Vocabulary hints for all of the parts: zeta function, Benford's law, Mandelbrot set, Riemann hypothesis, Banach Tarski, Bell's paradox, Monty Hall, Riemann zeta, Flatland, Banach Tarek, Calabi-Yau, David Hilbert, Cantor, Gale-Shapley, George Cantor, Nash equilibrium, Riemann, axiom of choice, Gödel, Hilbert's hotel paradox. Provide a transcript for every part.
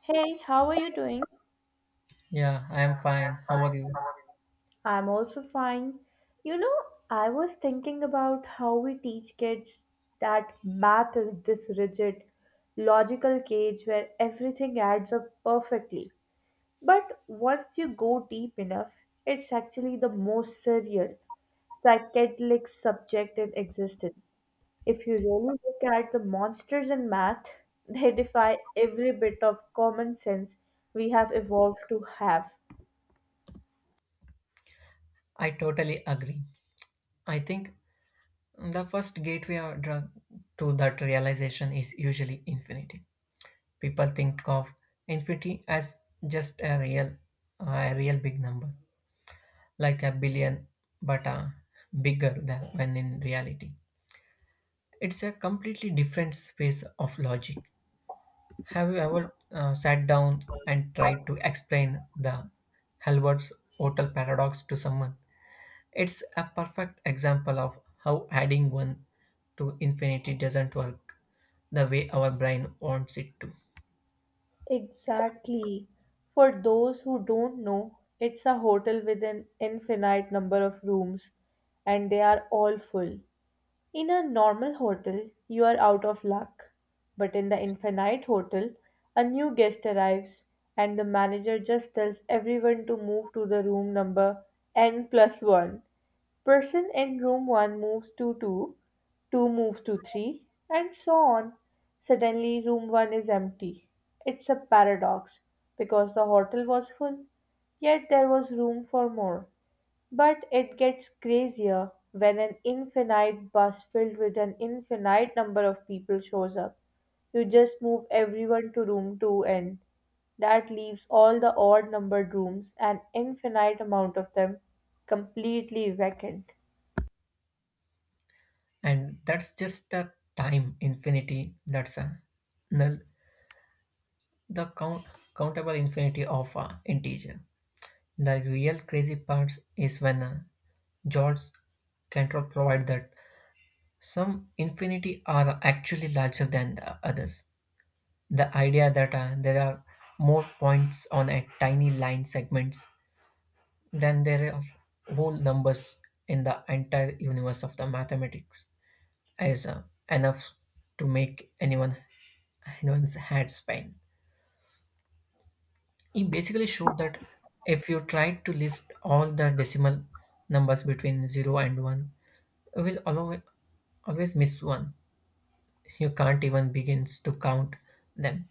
Hey, how are you doing? Yeah, I am fine. How are you? I'm also fine. You know, I was thinking about how we teach kids that math is this rigid, logical cage where everything adds up perfectly. But once you go deep enough, it's actually the most surreal, psychedelic subject in existence. If you really look at the monsters in math, they defy every bit of common sense we have evolved to have. I totally agree. I think the first gateway or drug to that realization is usually infinity. People think of infinity as just a real big number, like a billion, but bigger than when in reality. It's a completely different space of logic. Have you ever sat down and tried to explain the Hilbert's hotel paradox to someone? It's a perfect example of how adding one to infinity doesn't work the way our brain wants it to. Exactly. For those who don't know, it's a hotel with an infinite number of rooms, and they are all full. In a normal hotel, you are out of luck. But in the infinite hotel, a new guest arrives, and the manager just tells everyone to move to the room number n plus 1. Person in room 1 moves to 2, 2 moves to 3, and so on. Suddenly, room 1 is empty. It's a paradox because the hotel was full, yet there was room for more. But it gets crazier when an infinite bus filled with an infinite number of people shows up. You just move everyone to room 2, and that leaves all the odd numbered rooms, an infinite amount of them, completely vacant. And that's just a time infinity that's a null, the count, countable infinity of a integer. The real crazy part is when George Cantor provide that some infinity are actually larger than the others. The idea that there are more points on a tiny line segments then there are whole numbers in the entire universe of the mathematics is enough to make anyone's head spin. He basically showed that if you try to list all the decimal numbers between zero and one, you will allow always miss one. You can't even begin to count them.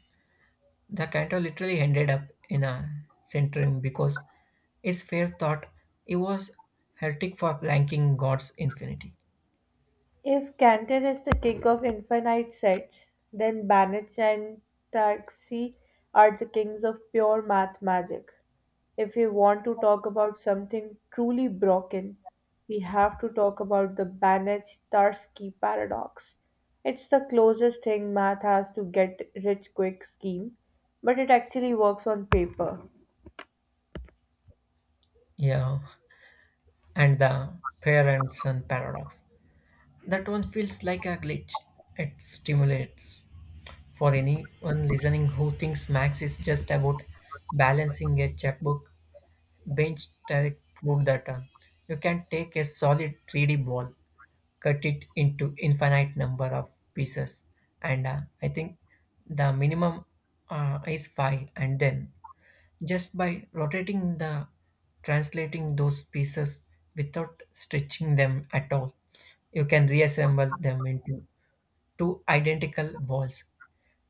The cantor literally ended up in a centurion because his fair thought he was heretic for blanking God's infinity. If Cantor is the king of infinite sets, then Banach and Tarski are the kings of pure math magic. If we want to talk about something truly broken, we have to talk about the Banach Tarski paradox. It's the closest thing math has to get rich quick scheme, but it actually works on paper. Yeah, and the parents and paradox. That one feels like a glitch. It stimulates for anyone listening who thinks Max is just about balancing a checkbook. Bench Tarek proved that you can take a solid 3D ball, cut it into infinite number of pieces, and I think the minimum is five, and then just by rotating the translating those pieces without stretching them at all, you can reassemble them into two identical balls,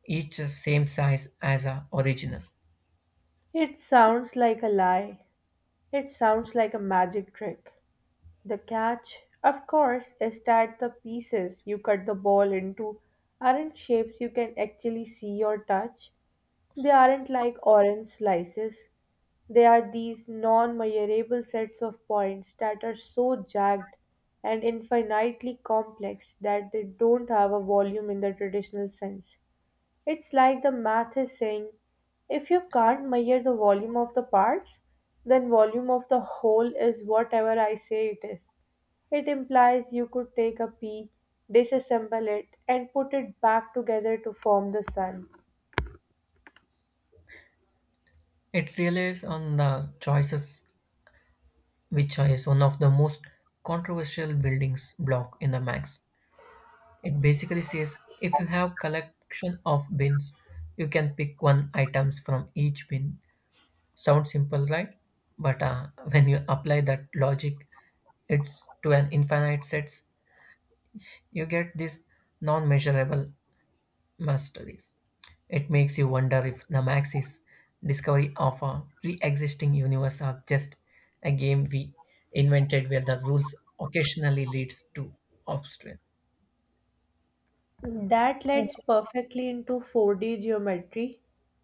each same size as a original. It sounds like a lie. It sounds like a magic trick. The catch, of course, is that the pieces you cut the ball into aren't shapes you can actually see or touch. They aren't like orange slices. They are these non measurable sets of points that are so jagged and infinitely complex that they don't have a volume in the traditional sense. It's like the math is saying, if you can't measure the volume of the parts, then volume of the whole is whatever I say it is. It implies you could take a pea, disassemble it, and put it back together to form the sun. It relies on the choices, which is one of the most controversial buildings block in the max. It basically says if you have collection of bins, you can pick one items from each bin. Sounds simple, right? But when you apply that logic it's to an infinite sets, you get these non-measurable masteries. It makes you wonder if the Maxis discovery of a pre-existing universe are just a game we invented where the rules occasionally leads to obstacle. That leads perfectly into 4D geometry.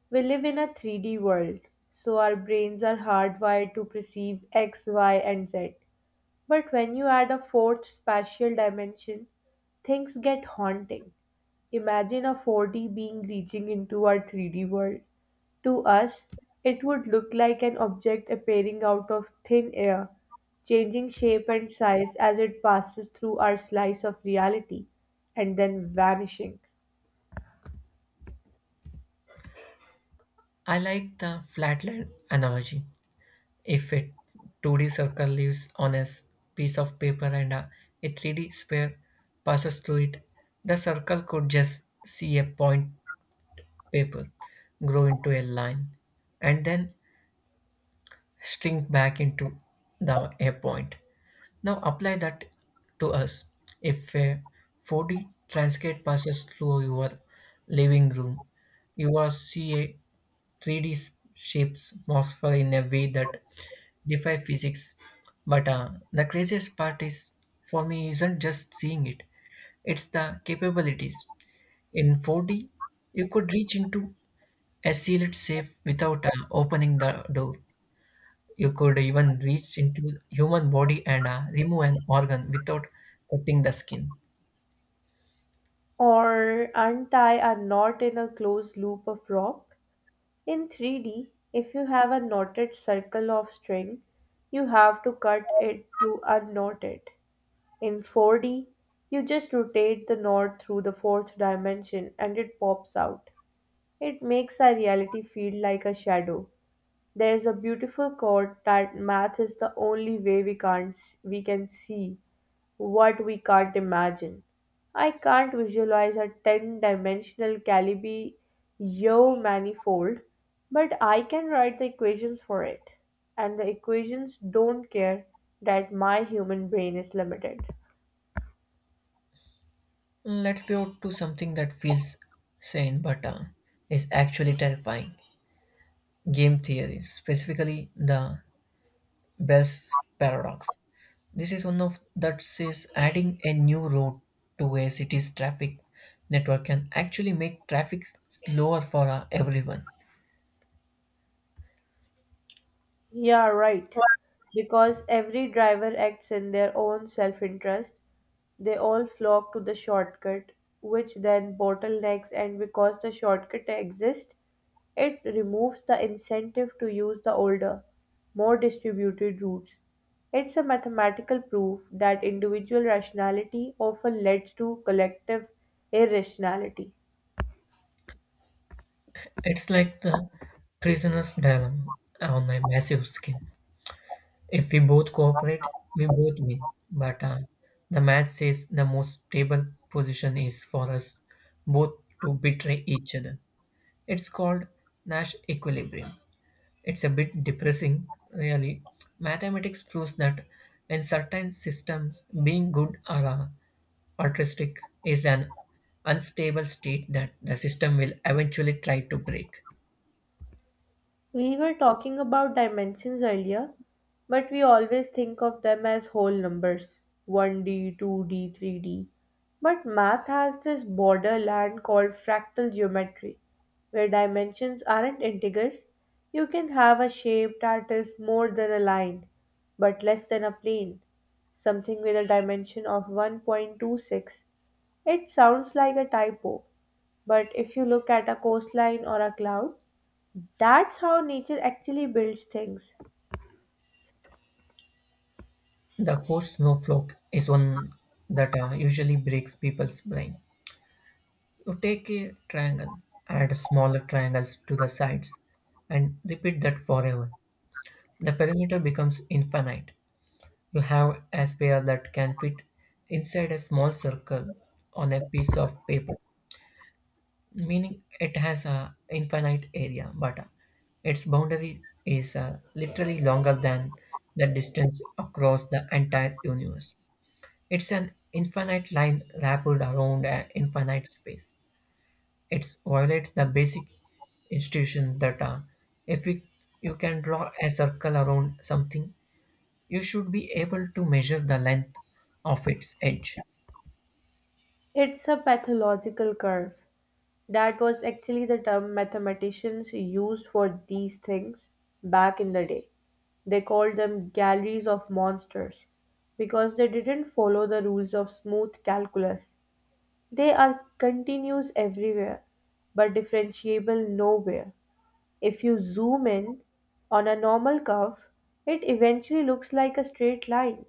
We live in a 3D world, so our brains are hardwired to perceive X, Y, and Z. But when you add a fourth spatial dimension, things get haunting. Imagine a 4D being reaching into our 3D world. To us, it would look like an object appearing out of thin air, changing shape and size as it passes through our slice of reality, and then vanishing. I like the flatland analogy. If a 2D circle lives on a piece of paper and a 3D sphere passes through it, the circle could just see a point paper grow into a line and then shrink back into the a point. Now apply that to us. If a 4D transcript passes through your living room, you will see a 3D shapes monster in a way that defy physics. But the craziest part is for me isn't just seeing it; it's the capabilities. In 4D, you could reach into a sealed safe without opening the door. You could even reach into human body and remove an organ without cutting the skin. Or untie a knot in a closed loop of rock. In 3D, if you have a knotted circle of string, you have to cut it to unknot it. In 4D, you just rotate the knot through the fourth dimension and it pops out. It makes our reality feel like a shadow. There's a beautiful quote that math is the only way we can't we can see what we can't imagine. I can't visualize a 10 dimensional Calabi-Yau manifold, but I can write the equations for it. And the equations don't care that my human brain is limited. Mm, let's pivot to something that feels sane but is actually terrifying. Game theory, specifically the Bell's paradox. This is one of that says adding a new road to a city's traffic network can actually make traffic slower for everyone. Yeah, right. Because every driver acts in their own self interest, they all flock to the shortcut, which then bottlenecks, and because the shortcut exists, it removes the incentive to use the older, more distributed routes. It's a mathematical proof that individual rationality often leads to collective irrationality. It's like the prisoner's dilemma on a massive scale. If we both cooperate, we both win. But the match says the most stable position is for us both to betray each other. It's called Nash equilibrium. It's a bit depressing, really. Mathematics proves that in certain systems, being good or altruistic is an unstable state that the system will eventually try to break. We were talking about dimensions earlier, but we always think of them as whole numbers: 1D, 2D, 3D. But math has this borderland called fractal geometry, where dimensions aren't integers. You can have a shape that is more than a line, but less than a plane, something with a dimension of 1.26. It sounds like a typo, but if you look at a coastline or a cloud, that's how nature actually builds things. The post snowflake is one that usually breaks people's brain. You take a triangle, add smaller triangles to the sides, and repeat that forever. The perimeter becomes infinite. You have a sphere that can fit inside a small circle on a piece of paper, meaning it has an infinite area, but its boundary is literally longer than the distance across the entire universe. It's an infinite line wrapped around an infinite space. It violates the basic institution that if you can draw a circle around something, you should be able to measure the length of its edge. It's a pathological curve. That was actually the term mathematicians used for these things back in the day. They called them galleries of monsters because they didn't follow the rules of smooth calculus. They are continuous everywhere but differentiable nowhere. If you zoom in on a normal curve, it eventually looks like a straight line.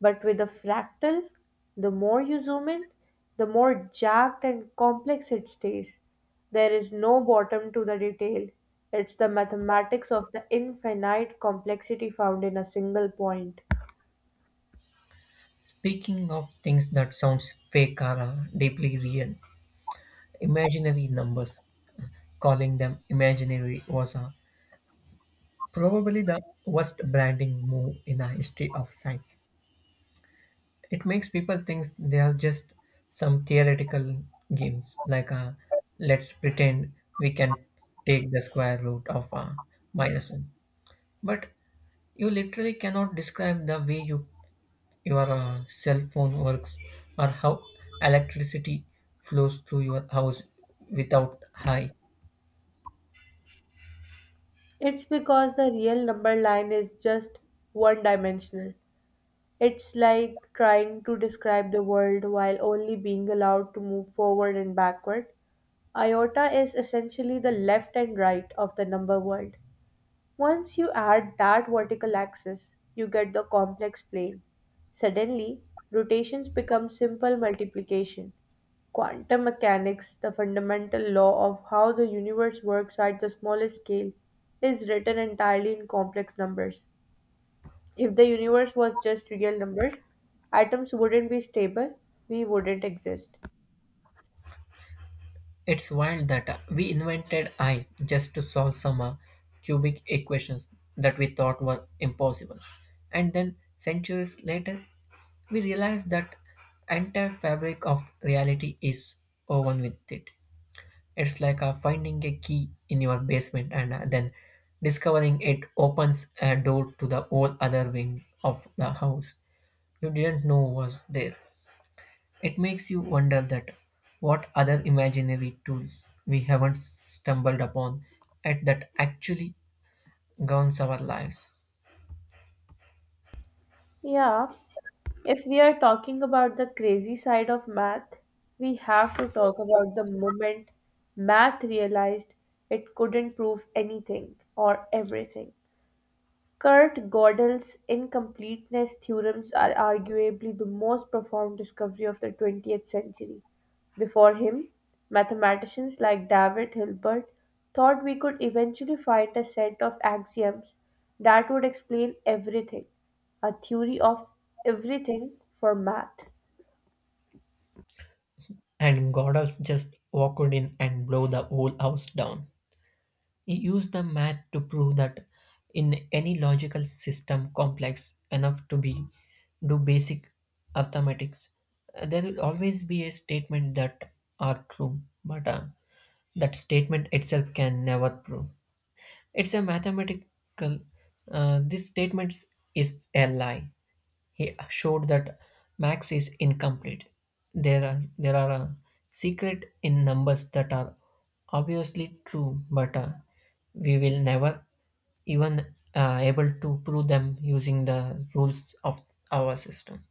But with a fractal, the more you zoom in, the more jagged and complex it stays. There is no bottom to the detail. It's the mathematics of the infinite complexity found in a single point. Speaking of things that sounds fake or deeply real, imaginary numbers, calling them imaginary was probably the worst branding move in the history of science. It makes people think they are just some theoretical games like let's pretend we can take the square root of minus 1, but you literally cannot describe the way your cell phone works or how electricity flows through your house without high. It's because the real number line is just one dimensional. It's like trying to describe the world while only being allowed to move forward and backward. Iota is essentially the left and right of the number world. Once you add that vertical axis, you get the complex plane. Suddenly, rotations become simple multiplication. Quantum mechanics, the fundamental law of how the universe works at the smallest scale, is written entirely in complex numbers. If the universe was just real numbers, atoms wouldn't be stable, we wouldn't exist. It's wild that we invented I just to solve some cubic equations that we thought were impossible, and then centuries later we realize that entire fabric of reality is woven with it. It's like finding a key in your basement and then discovering it opens a door to the whole other wing of the house you didn't know was there. It makes you wonder that what other imaginary tools we haven't stumbled upon at that actually governs our lives. Yeah, if we are talking about the crazy side of math, we have to talk about the moment math realized it couldn't prove anything or everything. Kurt Gödel's incompleteness theorems are arguably the most profound discovery of the 20th century. Before him, mathematicians like David Hilbert thought we could eventually find a set of axioms that would explain everything, a theory of everything for math. And Goddard's just walked in and blow the whole house down. He used the math to prove that in any logical system complex enough to be do basic arithmetics, there will always be a statement that are true, but that statement itself can never prove. It's a mathematical. This statement is a lie. He showed that Max is incomplete. There are secret in numbers that are obviously true, but we will never even able to prove them using the rules of our system.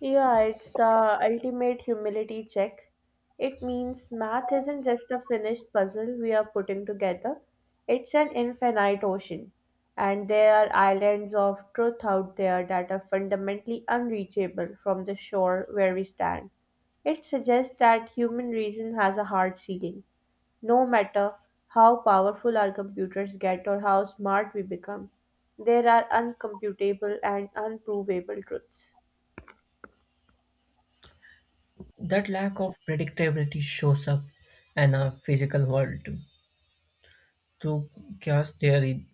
Yeah, it's the ultimate humility check. It means math isn't just a finished puzzle we are putting together, it's an infinite ocean. And there are islands of truth out there that are fundamentally unreachable from the shore where we stand. It suggests that human reason has a hard ceiling, no matter how powerful our computers get or how smart we become. There are uncomputable and unprovable truths. That lack of predictability shows up in our physical world too. Through chaos theory,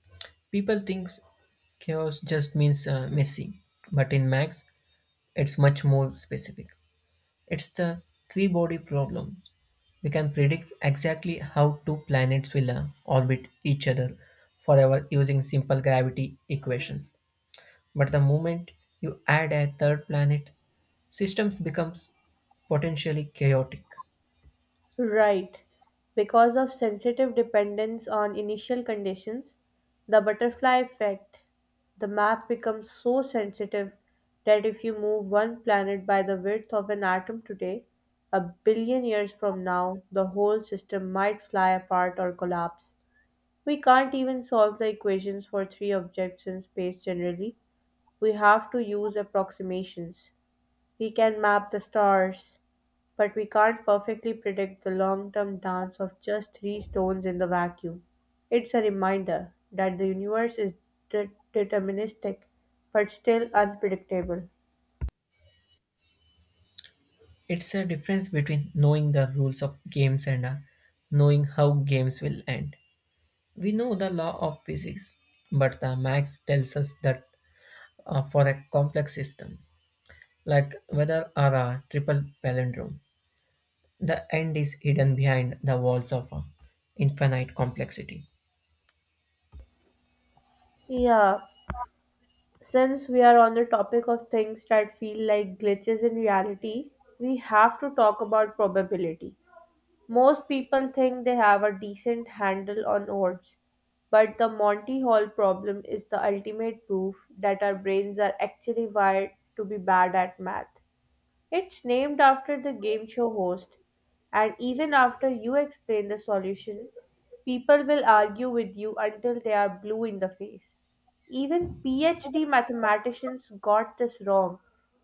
people think chaos just means messy, but in Max, it's much more specific. It's the three body problem. We can predict exactly how two planets will orbit each other forever using simple gravity equations. But the moment you add a third planet, systems becomes potentially chaotic. Right. Because of sensitive dependence on initial conditions, the butterfly effect, the map becomes so sensitive that if you move one planet by the width of an atom today, a billion years from now, the whole system might fly apart or collapse. We can't even solve the equations for three objects in space generally. We have to use approximations. We can map the stars, but we can't perfectly predict the long-term dance of just three stones in the vacuum. It's a reminder that the universe is deterministic but still unpredictable. It's a difference between knowing the rules of games and knowing how games will end. We know the law of physics, but the max tells us that for a complex system, like whether are a triple palindrome, the end is hidden behind the walls of a infinite complexity. Yeah, since we are on the topic of things that feel like glitches in reality, we have to talk about probability. Most people think they have a decent handle on odds, but the Monty Hall problem is the ultimate proof that our brains are actually wired to be bad at math. It's named after the game show host, and even after you explain the solution, people will argue with you until they are blue in the face. Even PhD mathematicians got this wrong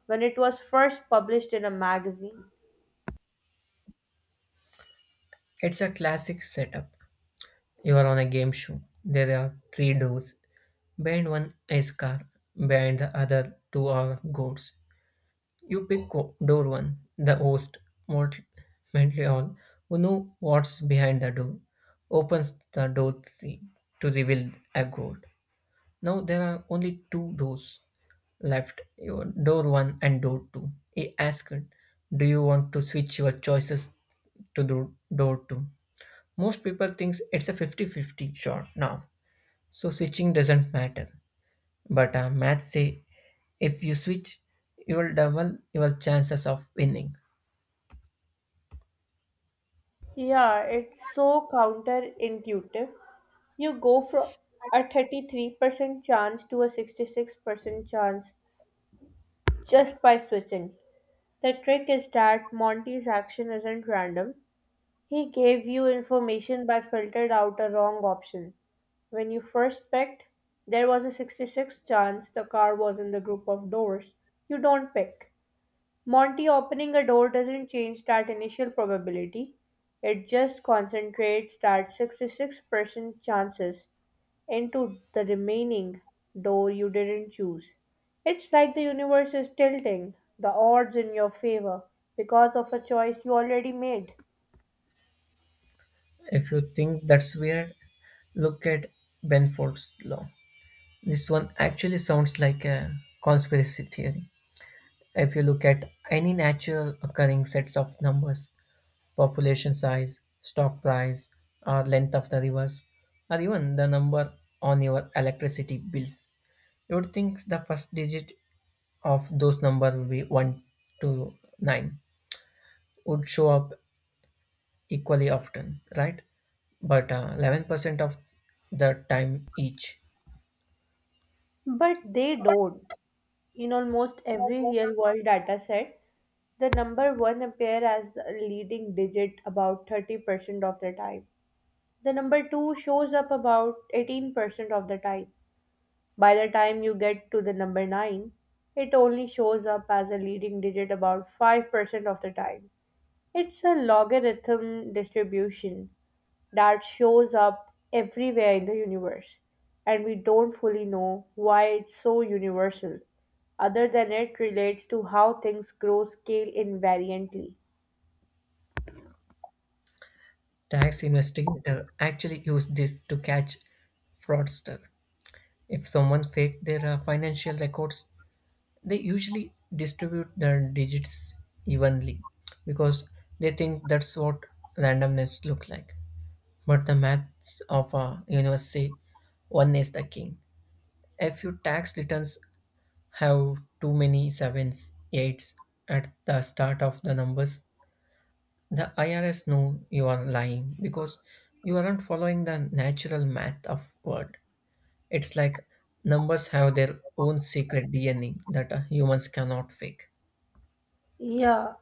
when it was first published in a magazine. It's a classic setup. You are on a game show. There are three doors. Behind one is car. Behind the other two are goats. You pick door one. The host, mort- mentally all, who know what's behind the door, opens the door three to reveal a goat. Now there are only two doors left, your door one and door two. He asked, do you want to switch your choices to door two? Most people think it's a 50-50 shot now, so switching doesn't matter. But math say if you switch, you will double your chances of winning. Yeah, it's so counterintuitive. You go from a 33% chance to a 66% chance just by switching. The trick is that Monty's action isn't random. He gave you information by filtered out a wrong option. When you first picked, there was a 66 chance the car was in the group of doors. You don't pick. Monty opening a door doesn't change that initial probability, it just concentrates that 66% chances into the remaining door you didn't choose. It's like the universe is tilting the odds in your favor because of a choice you already made. If you think that's weird, look at Benford's law. This one actually sounds like a conspiracy theory. If you look at any natural occurring sets of numbers, population size, stock price, or length of the rivers, or even the number on your electricity bills. You would think the first digit of those numbers would be 1 to 9 would show up equally often, right? But 11% of the time each. But they don't. In almost every real world data set, the number 1 appears as the leading digit about 30% of the time. The number 2 shows up about 18% of the time. By the time you get to the number 9, it only shows up as a leading digit about 5% of the time. It's a logarithm distribution that shows up everywhere in the universe, and we don't fully know why it's so universal, other than it relates to how things grow scale invariantly. Tax investigator actually use this to catch fraudster. If someone faked their financial records, they usually distribute their digits evenly because they think that's what randomness look like, but the maths of a universe say one is the king. If your tax returns have too many sevens eights at the start of the numbers, the IRS know you are lying because you aren't following the natural math of word. It's like numbers have their own secret DNA that humans cannot fake. Yeah,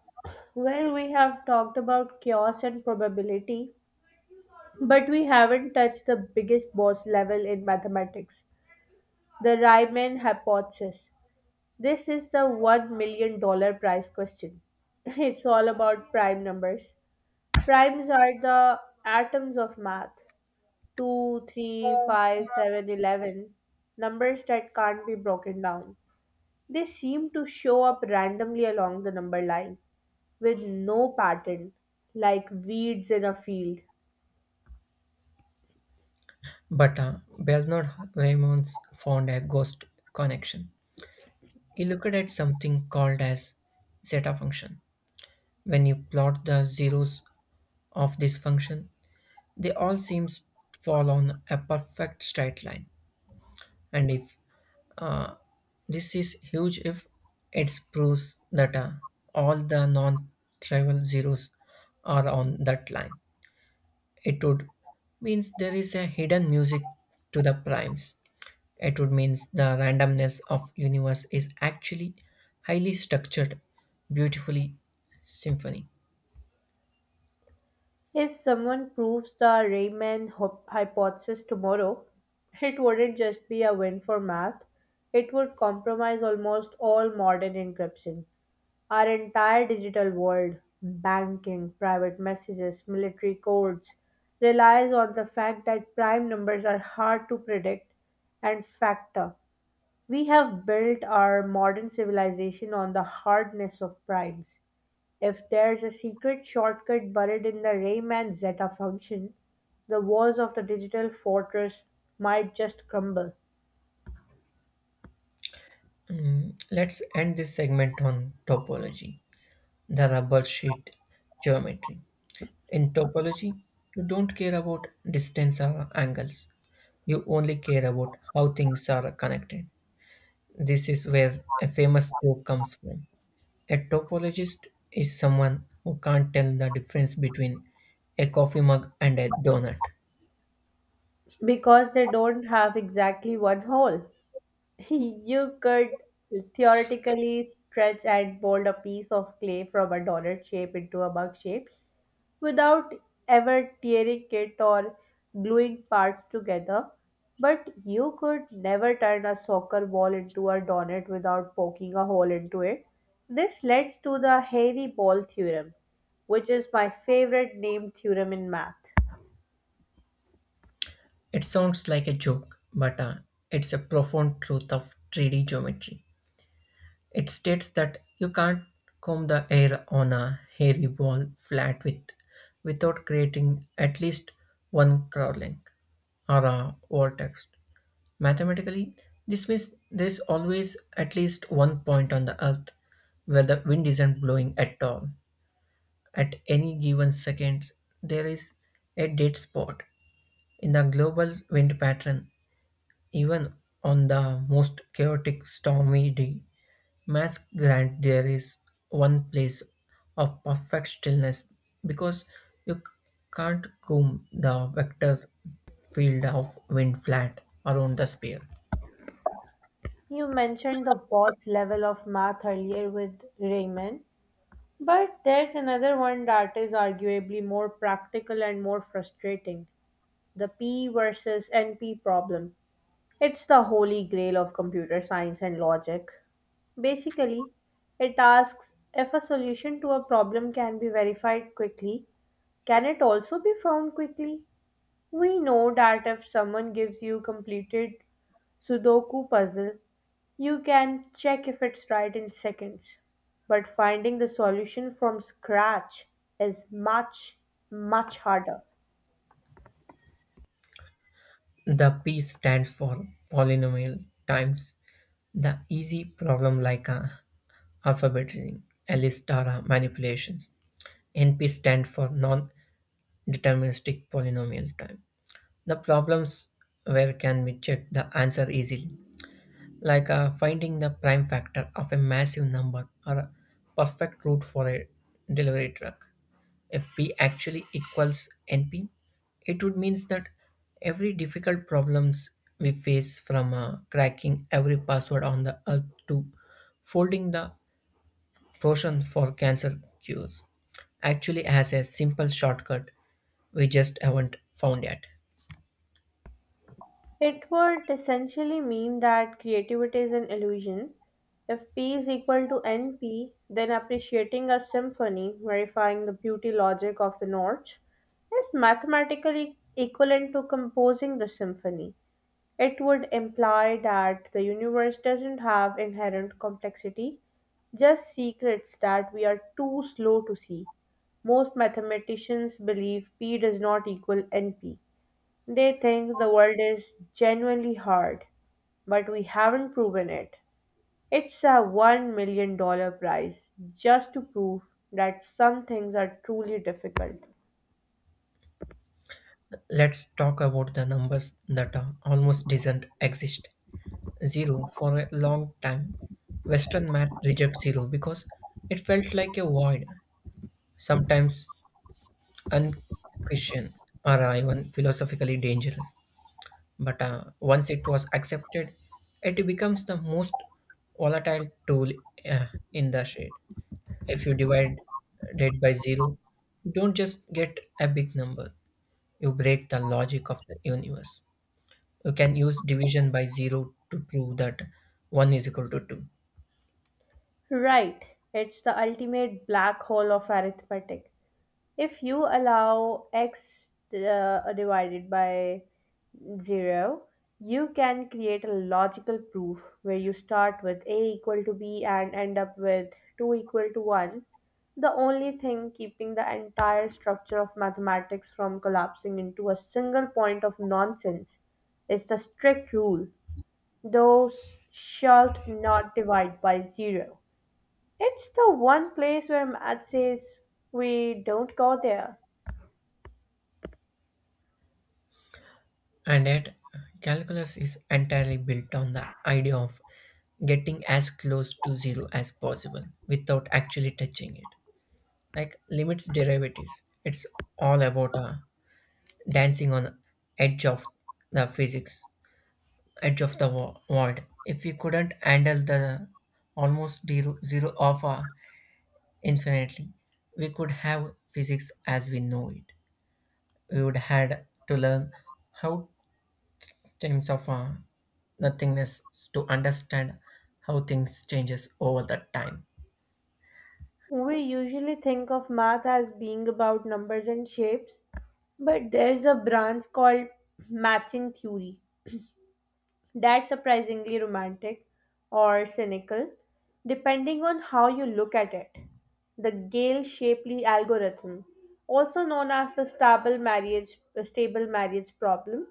well, we have talked about chaos and probability, but we haven't touched the biggest boss level in mathematics, the Riemann hypothesis. This is the $1 million dollar prize question. It's all about prime numbers. Primes are the atoms of math. 2, 3, 5, 7, 11, numbers that can't be broken down. They seem to show up randomly along the number line with no pattern, like weeds in a field. But Bernard Raymond's found a ghost connection. He looked at something called as zeta function. When you plot the zeros of this function, they all seem to fall on a perfect straight line. And if uh, this is huge, if it proves that all the non-trivial zeros are on that line, it would means there is a hidden music to the primes. It would mean the randomness of universe is actually highly structured, beautifully symphony. If someone proves the hypothesis tomorrow, it wouldn't just be a win for math, it would compromise almost all modern encryption. Our entire digital world, banking, private messages, military codes, relies on the fact that prime numbers are hard to predict and factor. We have built our modern civilization on the hardness of primes. If there's a secret shortcut buried in the Riemann zeta function, the walls of the digital fortress might just crumble Mm, let's end this segment on topology, the rubber sheet geometry. In topology, you don't care about distance or angles. You only care about how things are connected. This is where a famous joke comes from. A topologist is someone who can't tell the difference between a coffee mug and a donut. because they don't have exactly one hole. You could theoretically stretch and mold a piece of clay from a donut shape into a mug shape without ever tearing it or gluing parts together. But you could never turn a soccer ball into a donut without poking a hole into it. This leads to the hairy ball theorem, which is my favorite name theorem in math. It sounds like a joke, but it's a profound truth of 3D geometry. It states that you can't comb the air on a hairy ball flat without creating at least one crawling or a vortex. Mathematically, this means there's always at least one point on the earth where the wind isn't blowing at all. At any given second, there is a dead spot in the global wind pattern even on the most chaotic stormy day. Mask grant there is one place of perfect stillness because you can't comb the vector field of wind flat around the sphere. You mentioned the boss level of math earlier with Raymond, but there's another one that is arguably more practical and more frustrating, the P versus NP problem. It's the holy grail of computer science and logic. Basically, it asks, if a solution to a problem can be verified quickly, can it also be found quickly? We know that if someone gives you completed Sudoku puzzle, you can check if it's right in seconds. But finding the solution from scratch is much, much harder. The P stands for polynomial times, the easy problem like alphabetizing ring, Alice Tara manipulations. NP stand for non-deterministic polynomial time. The problems where can be check the answer easily, like finding the prime factor of a massive number or a perfect route for a delivery truck. If P actually equals NP, it would mean that every difficult problems we face, from cracking every password on the earth to folding the potion for cancer cures, actually has a simple shortcut we just haven't found yet. It would essentially mean that creativity is an illusion. If P is equal to NP, then appreciating a symphony, verifying the beauty logic of the notes, is mathematically equivalent to composing the symphony. It would imply that the universe doesn't have inherent complexity, just secrets that we are too slow to see. Most mathematicians believe P does not equal NP. They think the world is genuinely hard, but we haven't proven it. It's a $1 million dollar prize just to prove that some things are truly difficult. Let's talk about the numbers that are almost doesn't exist. Zero for a long time. Western math rejects zero because it felt like a void, sometimes unchristian or even philosophically dangerous. But once it was accepted, it becomes the most volatile tool uh, in the shade. If you divide it by zero, you don't just get a big number, you break the logic of the universe. You can use division by 0 to prove that 1 is equal to 2. Right, it's the ultimate black hole of arithmetic. If you allow x divided by 0, you can create a logical proof where you start with a equal to b and end up with 2 equal to 1. The only thing keeping the entire structure of mathematics from collapsing into a single point of nonsense is the strict rule: those shalt not divide by 0. It's the one place where math says we don't go there. And yet, calculus is entirely built on the idea of getting as close to 0 as possible without actually touching it. Like limits derivatives, it's all about dancing on edge of the physics, edge of the world. If we couldn't handle the zero of infinitely, we could have physics as we know it. We would had to learn how times of nothingness to understand how things changes over the time. We usually think of math as being about numbers and shapes, but there's a branch called matching theory that's surprisingly romantic or cynical, depending on how you look at it. The Gale-Shapley algorithm, also known as the stable marriage problem,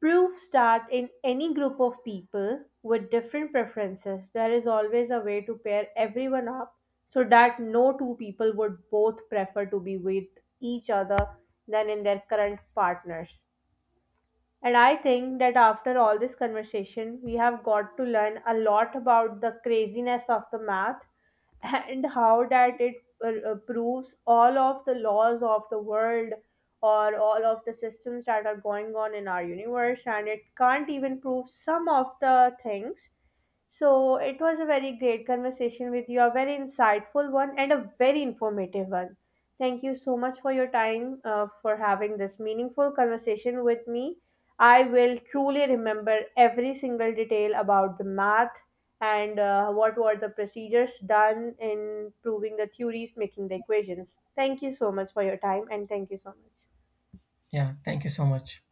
proof that in any group of people with different preferences, there is always a way to pair everyone up so that no two people would both prefer to be with each other than in their current partners. And I think that after all this conversation, we have got to learn a lot about the craziness of the math and how that it proves all of the laws of the world or all of the systems that are going on in our universe, and it can't even prove some of the things. So, it was a very great conversation with you, a very insightful one, and a very informative one. Thank you so much for your time, for having this meaningful conversation with me. I will truly remember every single detail about the math and what were the procedures done in proving the theories, making the equations. Thank you so much for your time, and thank you so much. Yeah, thank you so much.